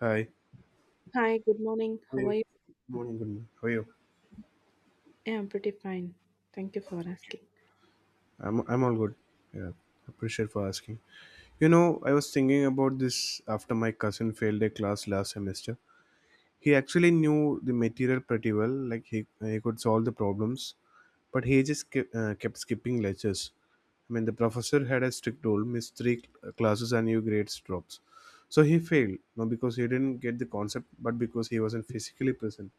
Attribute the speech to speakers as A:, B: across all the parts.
A: Hi.
B: Hi, good morning.
A: How are
B: How are
A: you?
B: you?
A: Good morning. Good morning. How are you?
B: Yeah, I'm pretty fine. Thank you for asking.
A: I'm all good. Yeah. Appreciate for asking. You know, I was thinking about this after my cousin failed a class last semester. He actually knew the material pretty well. Like he could solve the problems, but he just kept skipping lectures. I mean, the professor had a strict rule: miss three classes and your grades drops. So he failed, not because he didn't get the concept, but because he wasn't physically present.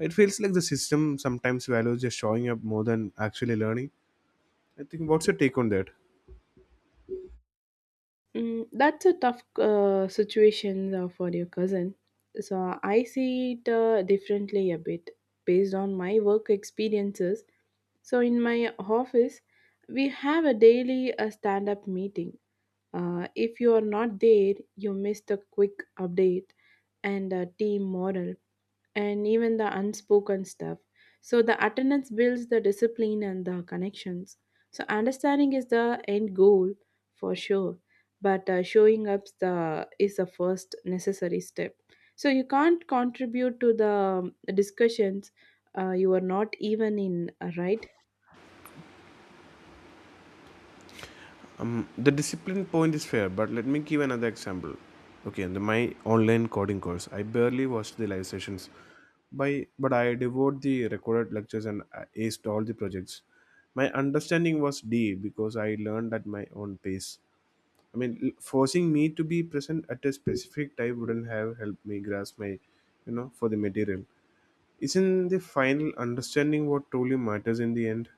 A: It feels like the system sometimes values just showing up more than actually learning. I think, what's your take on that?
B: That's a tough situation for your cousin. So I see it differently a bit based on my work experiences. So in my office, we have a daily stand-up meeting. If you are not there, you miss the quick update and team morale and even the unspoken stuff. So the attendance builds the discipline and the connections. So understanding is the end goal for sure, but showing up the is the first necessary step. So you can't contribute to the discussions. You are not even in, right?
A: The discipline point is fair, but let me give another example. Okay, and my online coding course, I barely watched the live sessions, by but I devoured the recorded lectures and I aced all the projects. My understanding was deep because I learned at my own pace. I mean, forcing me to be present at a specific time wouldn't have helped me grasp my, you know, for the material. Isn't the final understanding what truly matters in the end?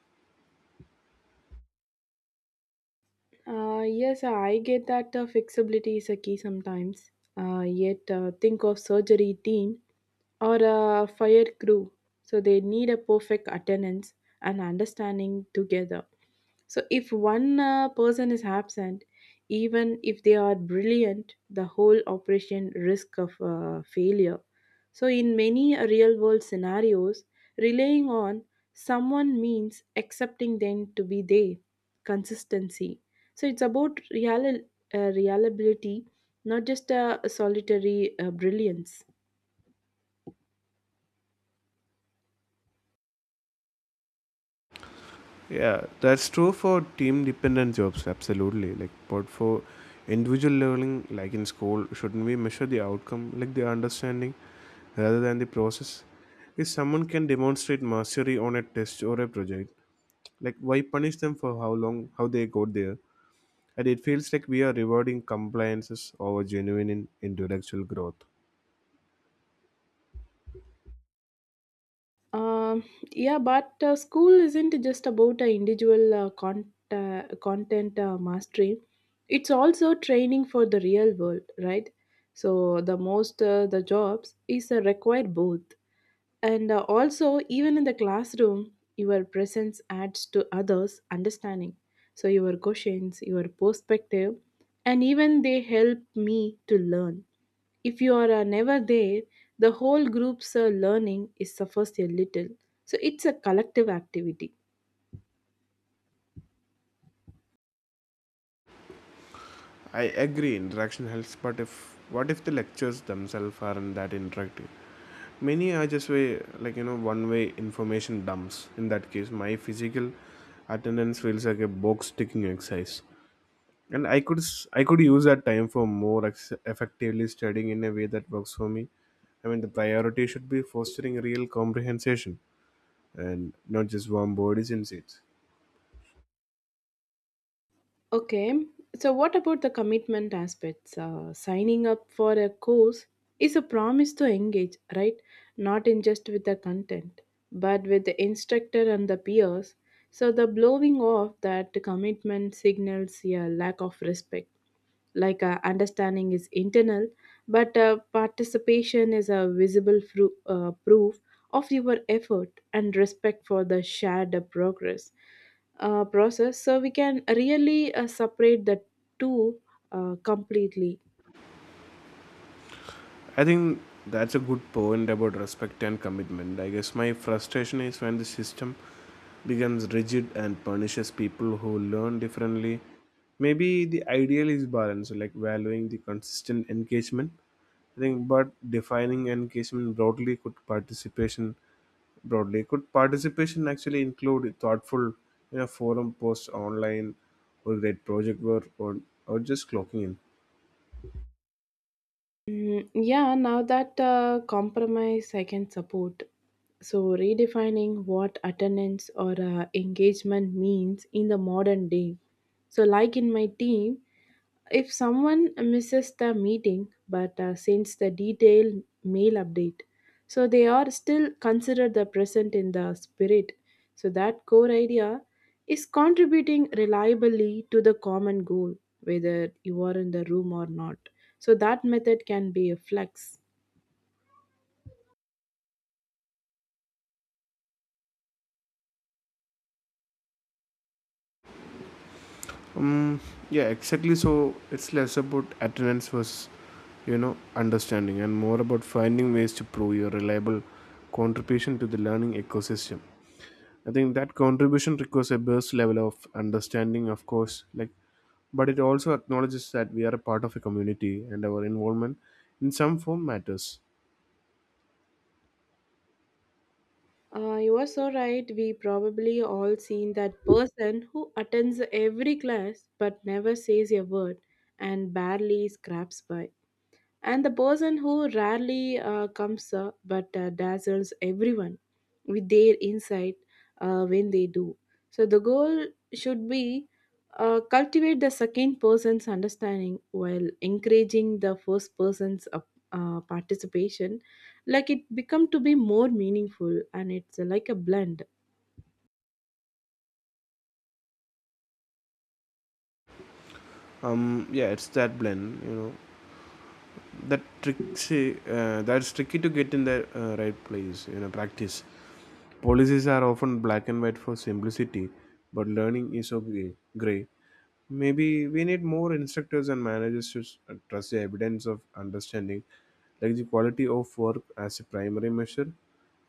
B: Yes, I get that flexibility is a key sometimes. Yet, think of surgery team or a fire crew. So they need a perfect attendance and understanding together. So if one person is absent, even if they are brilliant, the whole operation risk of failure. So, in many real world scenarios, relying on someone means accepting them to be there, consistency. So, it's about real, reliability, not just a solitary brilliance.
A: Yeah, that's true for team dependent jobs, absolutely. Like, but for individual leveling, like in school, shouldn't we measure the outcome, like the understanding, rather than the process? If someone can demonstrate mastery on a test or a project, like why punish them for how long, how they got there? And it feels like we are rewarding compliances over intellectual growth.
B: Um, yeah, but school isn't just about individual content mastery. It's also training for the real world, right? So the jobs is required both. And also, even in the classroom, your presence adds to others' understanding. So, your questions, your perspective, and even they help me to learn. If you are never there, the whole group's learning is suffers a little. So, it's a collective activity.
A: I agree interaction helps, but if what if the lectures themselves aren't that interactive? Many are just way like you know one way information dumps. In that case, my physical attendance feels like a box ticking exercise, and I could use that time for more effectively studying in a way that works for me. I mean, the priority should be fostering real comprehension and not just warm bodies in seats.
B: Okay, so what about the commitment aspects? Signing up for a course is a promise to engage, right? Not in just with the content, but with the instructor and the peers. So the blowing off that commitment signals a lack of respect. Like understanding is internal, but participation is a visible proof of your effort and respect for the shared progress uh, process, so we can really separate the two completely.
A: I think that's a good point about respect and commitment. I guess my frustration is when the system becomes rigid and punishes people who learn differently. Maybe the ideal is balance, like valuing the consistent engagement. I think, but defining engagement broadly could participation actually include thoughtful, you know, forum posts online, or great project work, or just clocking in.
B: Yeah, now that compromise I can support. So redefining what attendance or engagement means in the modern day. So like in my team, if someone misses the meeting but sends the detailed mail update, so they are still considered the present in the spirit. So that core idea is contributing reliably to the common goal, whether you are in the room or not. So that method can be a flex.
A: Um, yeah, exactly. So it's less about attendance versus, you know, understanding and more about finding ways to prove your reliable contribution to the learning ecosystem. I think that contribution requires a base level of understanding, of course, like, but it also acknowledges that we are a part of a community and our involvement in some form matters.
B: You are so right. We probably all seen that person who attends every class but never says a word and barely scraps by. And the person who rarely comes but dazzles everyone with their insight when they do. So the goal should be cultivate the second person's understanding while encouraging the first person's participation, like it become to be more meaningful, and it's like a blend.
A: Yeah, it's that blend, you know, that that's tricky to get in the right place, you know, practice. Policies are often black and white for simplicity, but learning is so gray. Maybe we need more instructors and managers to trust the evidence of understanding, like the quality of work as a primary measure.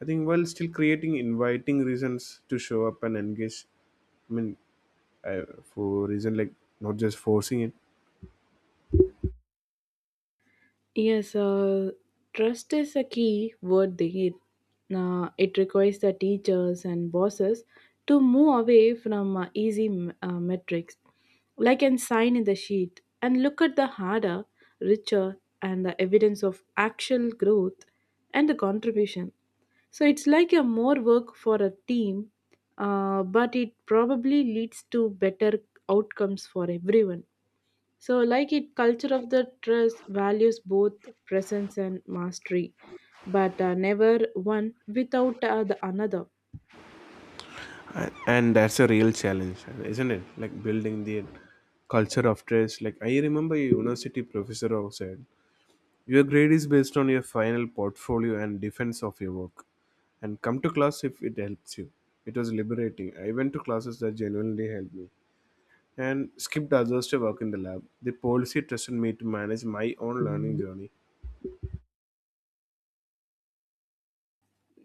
A: I think while still creating inviting reasons to show up and engage, I mean, uh, for reason like not just forcing it.
B: Yes, trust is a key word there. It requires the teachers and bosses to move away from easy metrics, like an sign in the sheet, and look at the harder, richer, and the evidence of actual growth and the contribution. So it's like a more work for a team, but it probably leads to better outcomes for everyone. So, like it, culture of the dress values both presence and mastery, but never one without the another.
A: A- and that's a real challenge, isn't it? Like building the culture of trust. Like I remember a university professor who said, "Your grade is based on your final portfolio and defense of your work. And come to class if it helps you." It was liberating. I went to classes that genuinely helped me and skipped others to work in the lab. The policy trusted me to manage my own learning journey.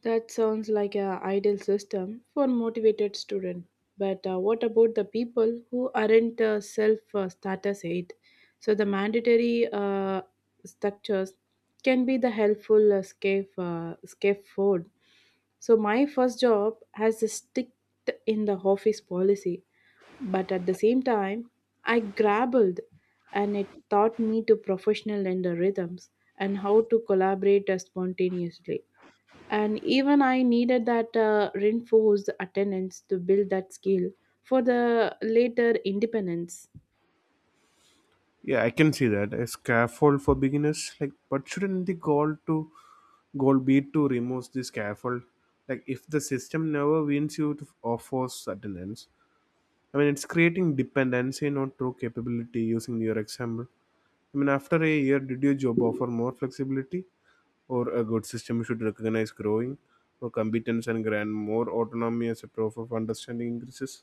B: That sounds like an ideal system for motivated students. But what about the people who aren't self status aid? So the mandatory structures can be the helpful scaffold. So my first job has a stick in the office policy, but at the same time, I grappled, and it taught me to professional and the rhythms and how to collaborate spontaneously, and even I needed that reinforced attendance to build that skill for the later independence.
A: Yeah, I can see that. A scaffold for beginners, like, but shouldn't the goal be to remove the scaffold? Like, if the system never wins you to offer attendance, I mean, it's creating dependency, not true capability. Using your example, I mean, after a year, did your job offer more flexibility or a good system should recognize growing or competence and grant more autonomy as a proof of understanding increases?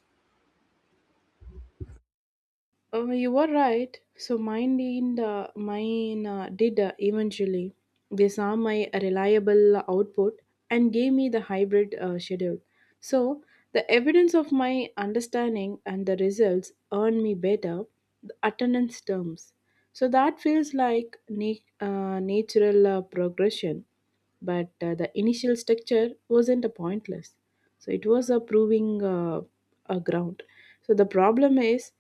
B: Oh, you were right. So mine, in the mine did eventually, they saw my reliable output and gave me the hybrid schedule. So the evidence of my understanding and the results earned me better the attendance terms. So that feels like natural progression, but the initial structure wasn't a pointless. So it was a proving, a ground. So the problem is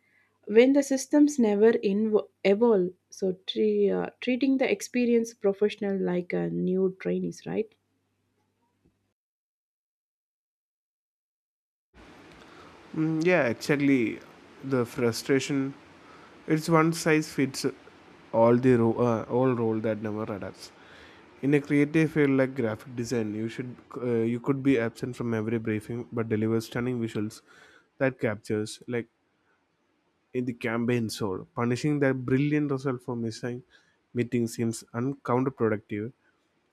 B: when the systems never evolve, so treating the experienced professional like a new trainees, right?
A: Mm, yeah, exactly. The frustration, it's one size fits all role that never adapts. In a creative field like graphic design, you could be absent from every briefing but deliver stunning visuals that captures like in the campaign soul. Punishing their brilliant result for missing meeting seems uncounterproductive.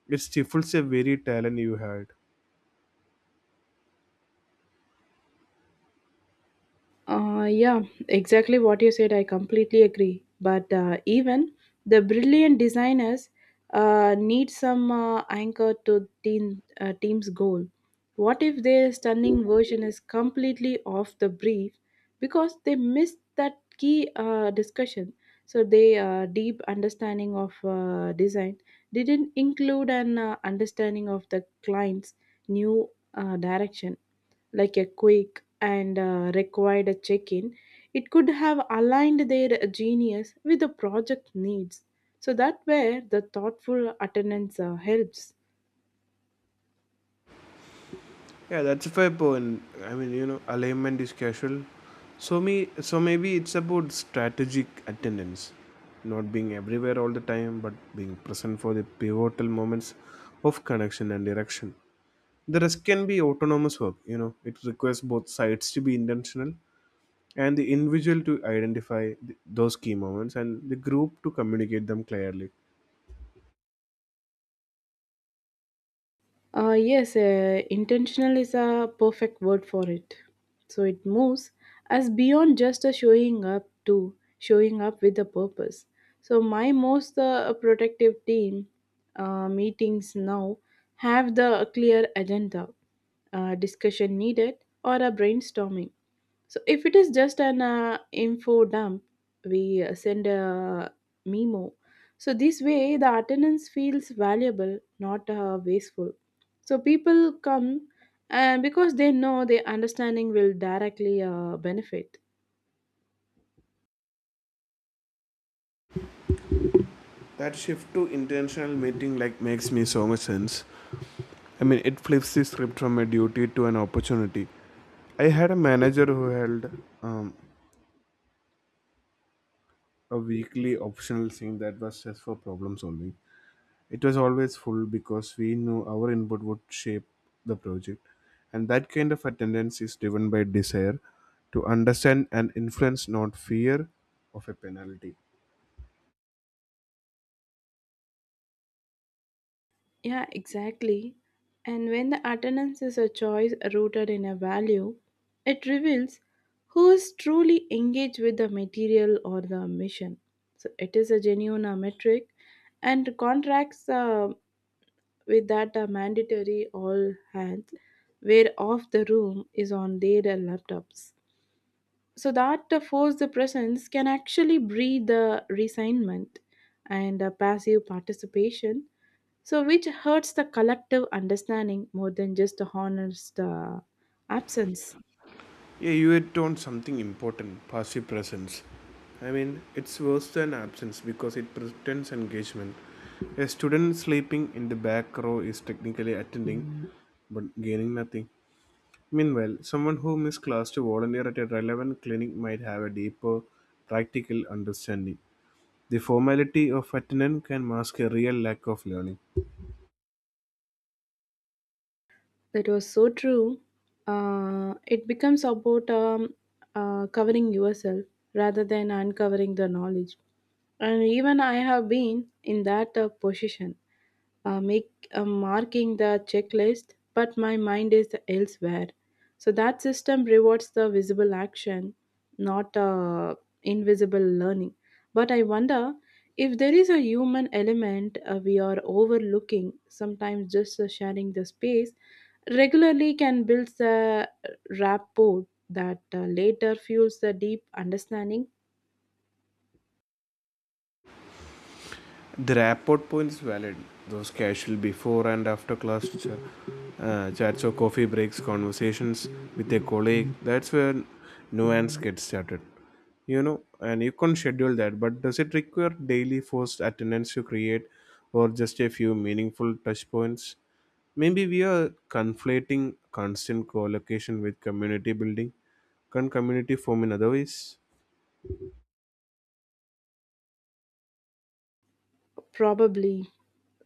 A: It stifles a very talent you had.
B: Yeah, exactly what you said. I completely agree. But even the brilliant designers need some anchor to team's goal. What if their stunning version is completely off the brief because they missed that key discussion? So their deep understanding of design didn't include an understanding of the client's new direction, like a quick and required a check-in, it could have aligned their genius with the project needs. So that where the thoughtful attendance helps.
A: Yeah, that's a fair point. I mean, you know, alignment is casual. So maybe it's about strategic attendance, not being everywhere all the time, but being present for the pivotal moments of connection and direction. The rest can be autonomous work. You know, it requires both sides to be intentional and the individual to identify those key moments and the group to communicate them clearly.
B: Yes, intentional is a perfect word for it. So it moves us beyond just a showing up to showing up with a purpose. So my most protective team meetings now have the clear agenda, discussion needed, or a brainstorming. So if it is just an info dump, we send a memo. So this way, the attendance feels valuable, not wasteful. So people come because they know their understanding will directly benefit.
A: That shift to intentional meeting like makes me so much sense. I mean it flips the script from a duty to an opportunity. I had a manager who held um, a weekly optional thing that was just for problem solving. It was always full because we knew our input would shape the project, and that kind of attendance is driven by desire to understand and influence, not fear of a penalty.
B: Yeah, exactly. And when the attendance is a choice rooted in a value, it reveals who is truly engaged with the material or the mission. So it is a genuine metric and contracts with that mandatory all hands, where off the room is on their laptops, so that the forced presence can actually breed the resignment and a passive participation, so which hurts the collective understanding more than just the honors the absence.
A: Yeah, you hit on something important, passive presence. I mean, it's worse than absence because it pretends engagement. A student sleeping in the back row is technically attending but gaining nothing. Meanwhile, someone who missed class to volunteer at a relevant clinic might have a deeper practical understanding. The formality of attendance can mask a real lack of learning.
B: That was so true. It becomes about covering yourself rather than uncovering the knowledge. And even I have been in that position, make marking the checklist, but my mind is elsewhere. So that system rewards the visible action, not invisible learning. But I wonder if there is a human element we are overlooking. Sometimes just sharing the space regularly can build a rapport that later fuels the deep understanding,
A: The rapport point is valid. Those casual before and after class chats or coffee breaks, conversations with a colleague, that's where nuance gets started. You know, and you can schedule that, but does it require daily forced attendance to create or just a few meaningful touch points? Maybe we are conflating constant co-location with community building. Can community form in other ways?
B: probably.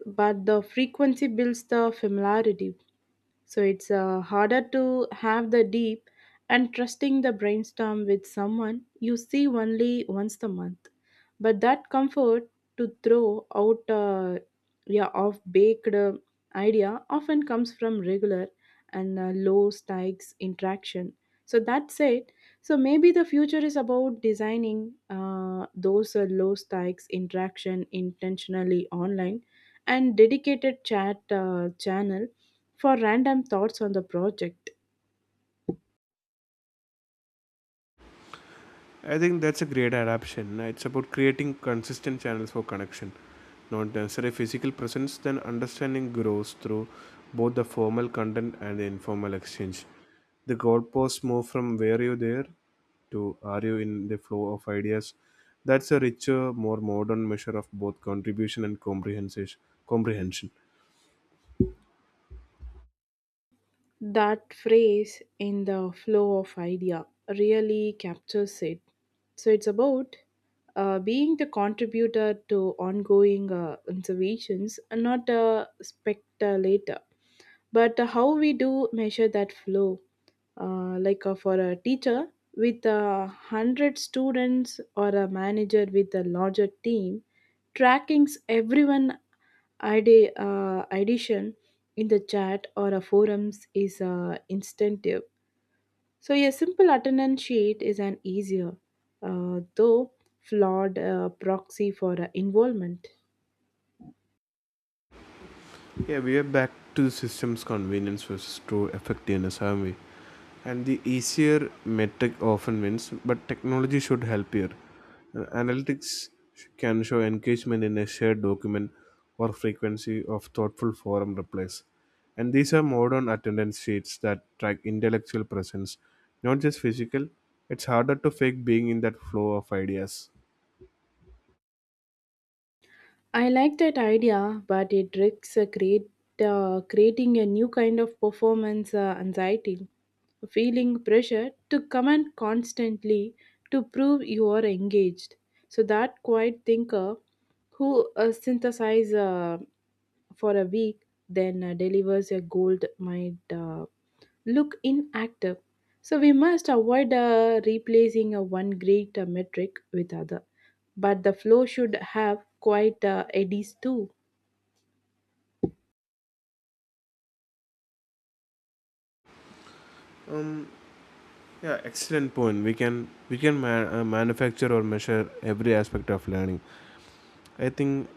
B: But the frequency builds the familiarity. So it's harder to have the deep and trusting the brainstorm with someone you see only once a month. But that comfort to throw out yeah of baked idea often comes from regular and low stakes interaction. So that's it. So maybe the future is about designing those low stakes interaction intentionally online, and dedicated chat channel for random thoughts on the project.
A: I think that's a great adaptation. It's about creating consistent channels for connection, not necessarily physical presence, then understanding grows through both the formal content and the informal exchange. The goalposts move from where you there to are you in the flow of ideas. That's a richer, more modern measure of both contribution and comprehension.
B: That phrase in the flow of idea really captures it. So it's about being the contributor to ongoing observations and not a speculator. But how we do measure that flow, like for a teacher with 100 students or a manager with a larger team, trackings everyone addition in the chat or a forums is instinctive. So a simple attendance sheet is an easier, though flawed proxy for involvement.
A: Yeah, we are back to the system's convenience versus true effectiveness, aren't we? And the easier metric often wins, but technology should help here. Analytics can show engagement in a shared document or frequency of thoughtful forum replies. And these are modern attendance sheets that track intellectual presence, not just physical. It's harder to fake being in that flow of ideas.
B: I like that idea, but it risks creating a new kind of performance anxiety, feeling pressure to comment constantly to prove you are engaged. So that quiet thinker who synthesizes for a week, then delivers a gold might look inactive. So we must avoid replacing one great metric with other. But the flow should have quite eddies too.
A: Um, Yeah, excellent point. We can manufacture or measure every aspect of learning. I think,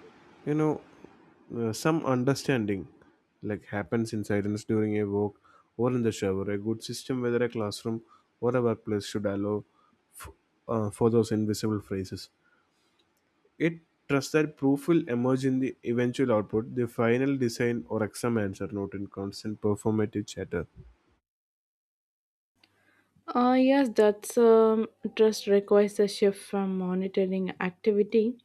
A: you know, some understanding like happens in silence during a walk or in the shower. A good system, whether a classroom or a workplace, should allow f- for those invisible phrases. It trusts that proof will emerge in the eventual output, the final design or exam answer, not in constant performative chatter.
B: Yes, that's trust requires a shift from monitoring activity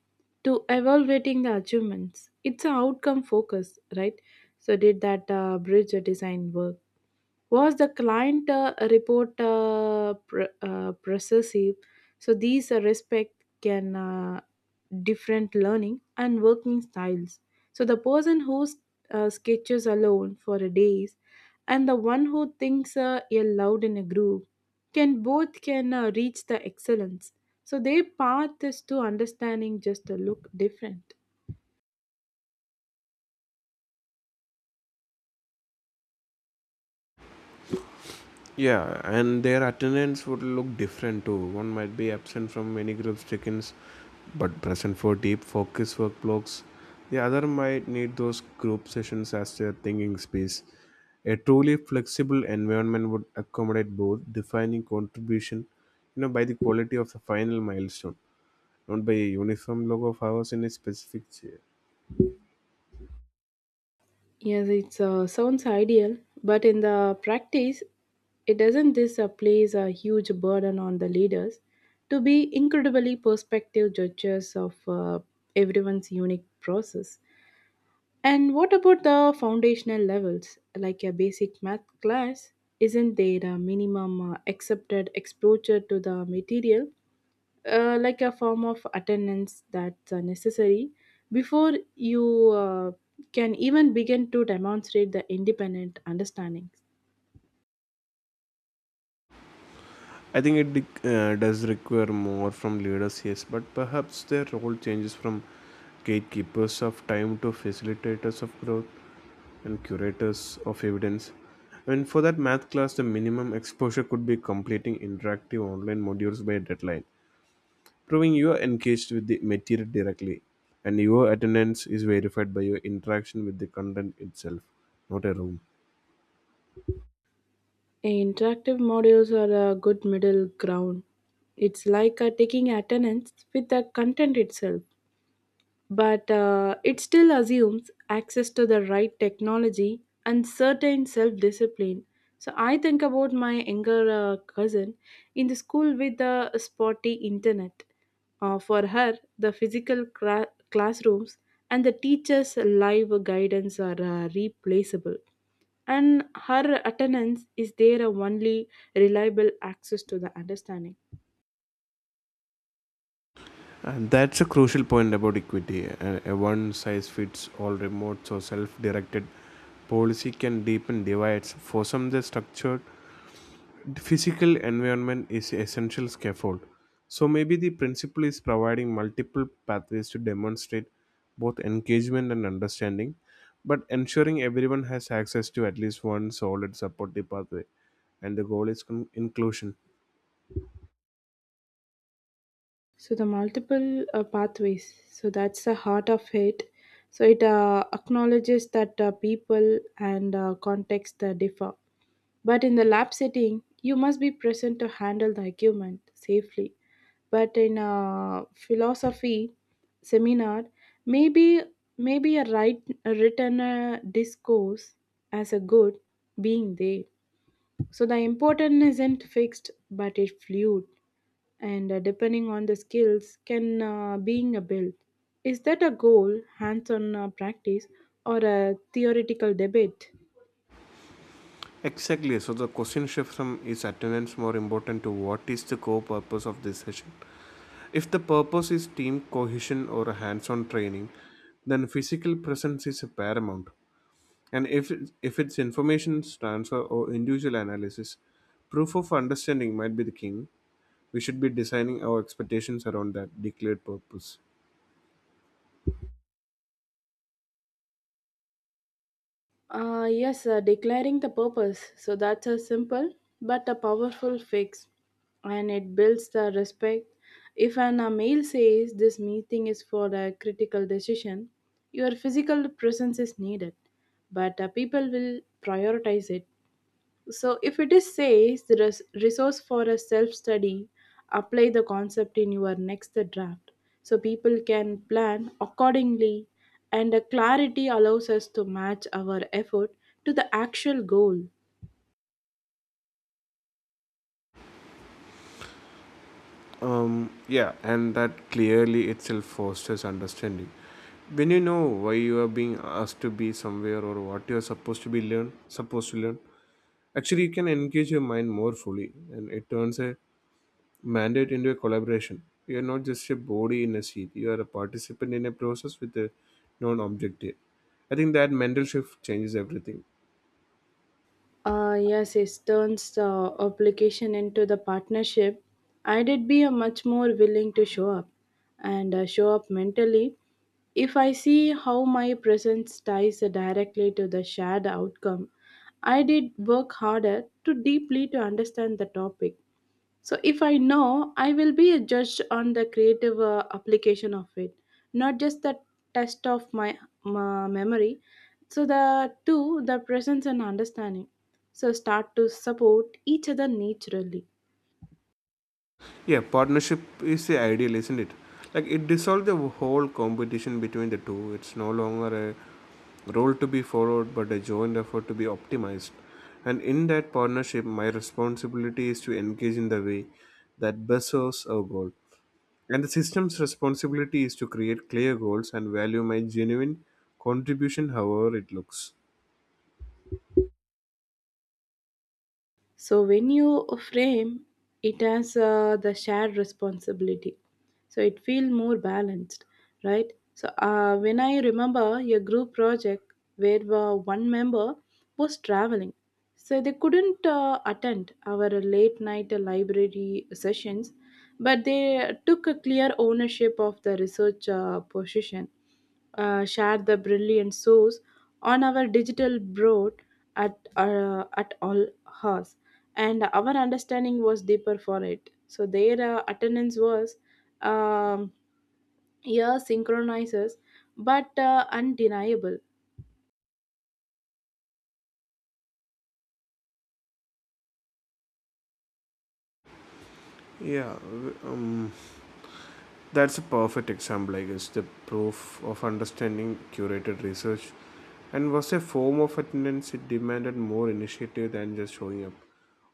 B: to evaluating the achievements. It's an outcome focus, right? So did that bridge design work? Was the client report processive? So these respect can different learning and working styles. So the person who sketches alone for a days and the one who thinks aloud in a group can both can reach the excellence. So their path is to understanding just a look different.
A: Yeah, and their attendance would look different too. One might be absent from many group check-ins, but present for deep focus work blocks. The other might need those group sessions as their thinking space. A truly flexible environment would accommodate both, defining contribution, you know, by the quality of the final milestone, not by a uniform log of hours in a specific chair.
B: Yes, it sounds ideal, but in the practice, it doesn't this place a huge burden on the leaders to be incredibly prospective judges of everyone's unique process. And what about the foundational levels, like a basic math class? Isn't there a minimum accepted exposure to the material like a form of attendance that's necessary before you can even begin to demonstrate the independent understanding?
A: I think it does require more from leaders, yes, but perhaps their role changes from gatekeepers of time to facilitators of growth and curators of evidence. And for that math class, the minimum exposure could be completing interactive online modules by deadline, proving you are engaged with the material directly, and your attendance is verified by your interaction with the content itself, not a room.
B: Interactive modules are a good middle ground. It's like taking attendance with the content itself. But it still assumes access to the right technology and certain self discipline. So I think about my younger cousin in the school with the spotty internet. For her, the physical classrooms and the teachers' live guidance are replaceable, and her attendance is their only reliable access to the understanding.
A: And that's a crucial point about equity. A one size fits all remote or self directed policy can deepen divides. For some, the structured physical environment is essential scaffold. So maybe the principle is providing multiple pathways to demonstrate both engagement and understanding, but ensuring everyone has access to at least one solid supportive pathway. And the goal is inclusion.
B: So the multiple pathways. So that's the heart of it. So it acknowledges that people and context differ. But in the lab setting, you must be present to handle the argument safely. But in a philosophy seminar, maybe a written discourse as a good being there. So the importance isn't fixed, but it fluid, and depending on the skills, can being a built. Is that a goal, hands-on practice, or a theoretical debate?
A: Exactly. So the question shifts from is attendance more important to what is the core purpose of this session? If the purpose is team cohesion or hands-on training, then physical presence is paramount. And if it's information transfer or individual analysis, proof of understanding might be the king. We should be designing our expectations around that declared purpose.
B: Yes, declaring the purpose. So that's a simple but a powerful fix, and it builds the respect. If an mail says this meeting is for a critical decision, your physical presence is needed, but people will prioritize it. So, if it is says the resource for a self study, apply the concept in your next draft so people can plan accordingly and the clarity allows us to match our effort to the actual goal.
A: um yeah, and that clearly itself fosters understanding. When you know why you are being asked to be somewhere or what you are supposed to learn, actually you can engage your mind more fully, and it turns a mandate into a collaboration. You are not just a body in a seat, you are a participant in a process with a known objective. I think that mental shift changes everything.
B: Yes, it turns the obligation into the partnership. I did be a much more willing to show up and show up mentally if I see how my presence ties directly to the shared outcome. I did work harder to deeply to understand the topic so if I know, I will be judged on the creative application of it, not just the test of my memory. So the two, the presence and understanding. So start to support each other naturally.
A: Yeah, partnership is the ideal, isn't it? Like it dissolves the whole competition between the two. It's no longer a role to be followed, but a joint effort to be optimized. And in that partnership, my responsibility is to engage in the way that best serves our goal. And the system's responsibility is to create clear goals and value my genuine contribution, however it looks.
B: So when you frame it as the shared responsibility, so it feel more balanced, right? So when I remember your group project where one member was traveling, so they couldn't attend our late night library sessions, but they took a clear ownership of the research position share the brilliant source on our digital broad at all hours and our understanding was deeper for it so their attendance was um, yeah synchronizes but undeniable.
A: Yeah. That's a perfect example, I guess. The proof of understanding curated research and was a form of attendance. It demanded more initiative than just showing up.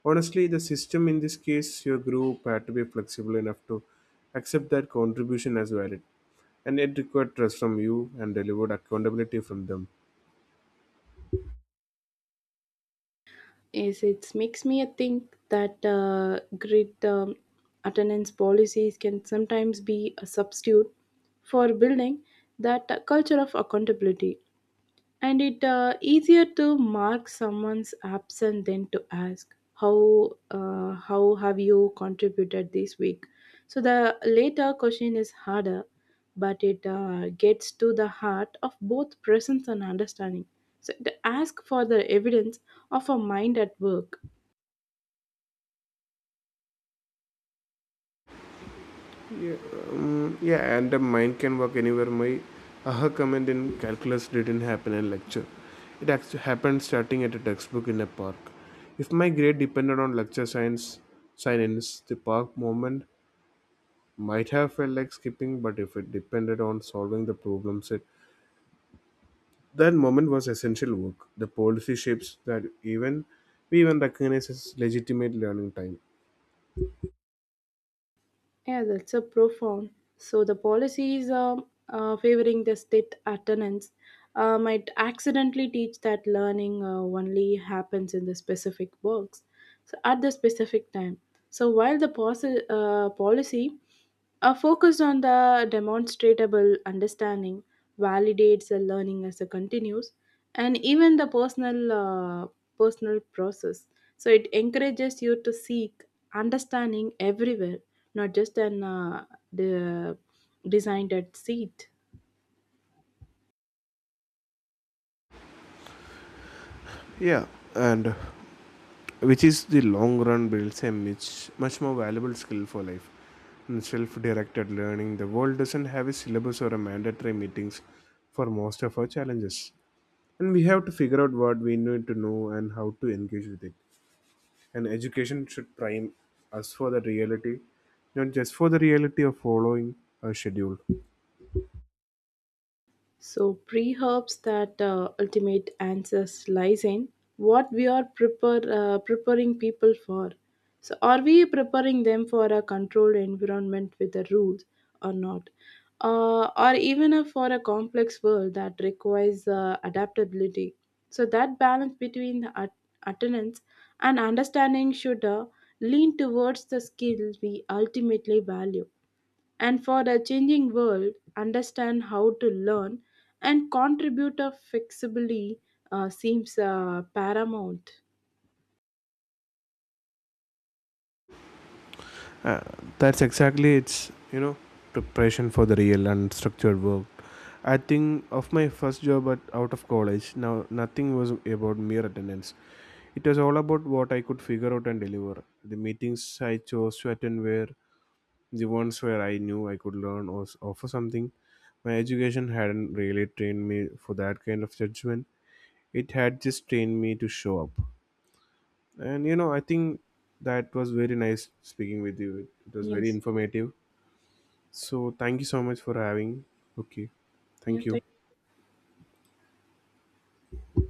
A: Honestly, the system in this case, your group had to be flexible enough to accept that contribution as valid, and it required trust from you and delivered accountability from them.
B: Is it makes me think that great attendance policies can sometimes be a substitute for building that culture of accountability and it easier to mark someone's absent than to ask how have you contributed this week so the later question is harder but it gets to the heart of both presence and understanding so it asks for the evidence of a mind at work.
A: Mm, yeah, and the mind can work anywhere. My aha comment in calculus didn't happen in lecture. It actually happened starting at a textbook in a park. If my grade depended on lecture science, the park moment might have felt like skipping, but if it depended on solving the problem set, that moment was essential work. The policy shapes that even we even recognize as legitimate learning time.
B: Yeah, that's a profound. So the policies favoring the state attendance might accidentally teach that learning only happens in the specific works, so at the specific time. So while the policy a focus on the demonstratable understanding validates the learning as it continues, and even the personal process. So it encourages you to seek understanding everywhere, not just an the designed at seat.
A: Yeah, and which is the long run builds a much, much more valuable skill for life. In self-directed learning, the world doesn't have a syllabus or a mandatory meetings for most of our challenges. And we have to figure out what we need to know and how to engage with it. And education should prime us for the reality, not just for the reality of following a schedule.
B: So, pre-herbs that ultimate answers lies in what we are preparing people for. So, are we preparing them for a controlled environment with the rules or not? Or even a, for a complex world that requires adaptability. So, that balance between the attendance and understanding should lean towards the skills we ultimately value and for a changing world, understand how to learn and contribute a flexibly seems paramount.
A: uh, that's exactly its, you know, preparation for the real and structured work. I think of my first job at, out of college. Now nothing was about mere attendance, it was all about what I could figure out and deliver. The meetings I chose to attend were the ones where I knew I could learn or offer something. My education hadn't really trained me for that kind of judgment, it had just trained me to show up. And you know, I think that was very nice speaking with you. It was very
B: Yes.
A: informative. So thank you so much for having. Okay.
B: Yeah,
A: Thank you.
B: thank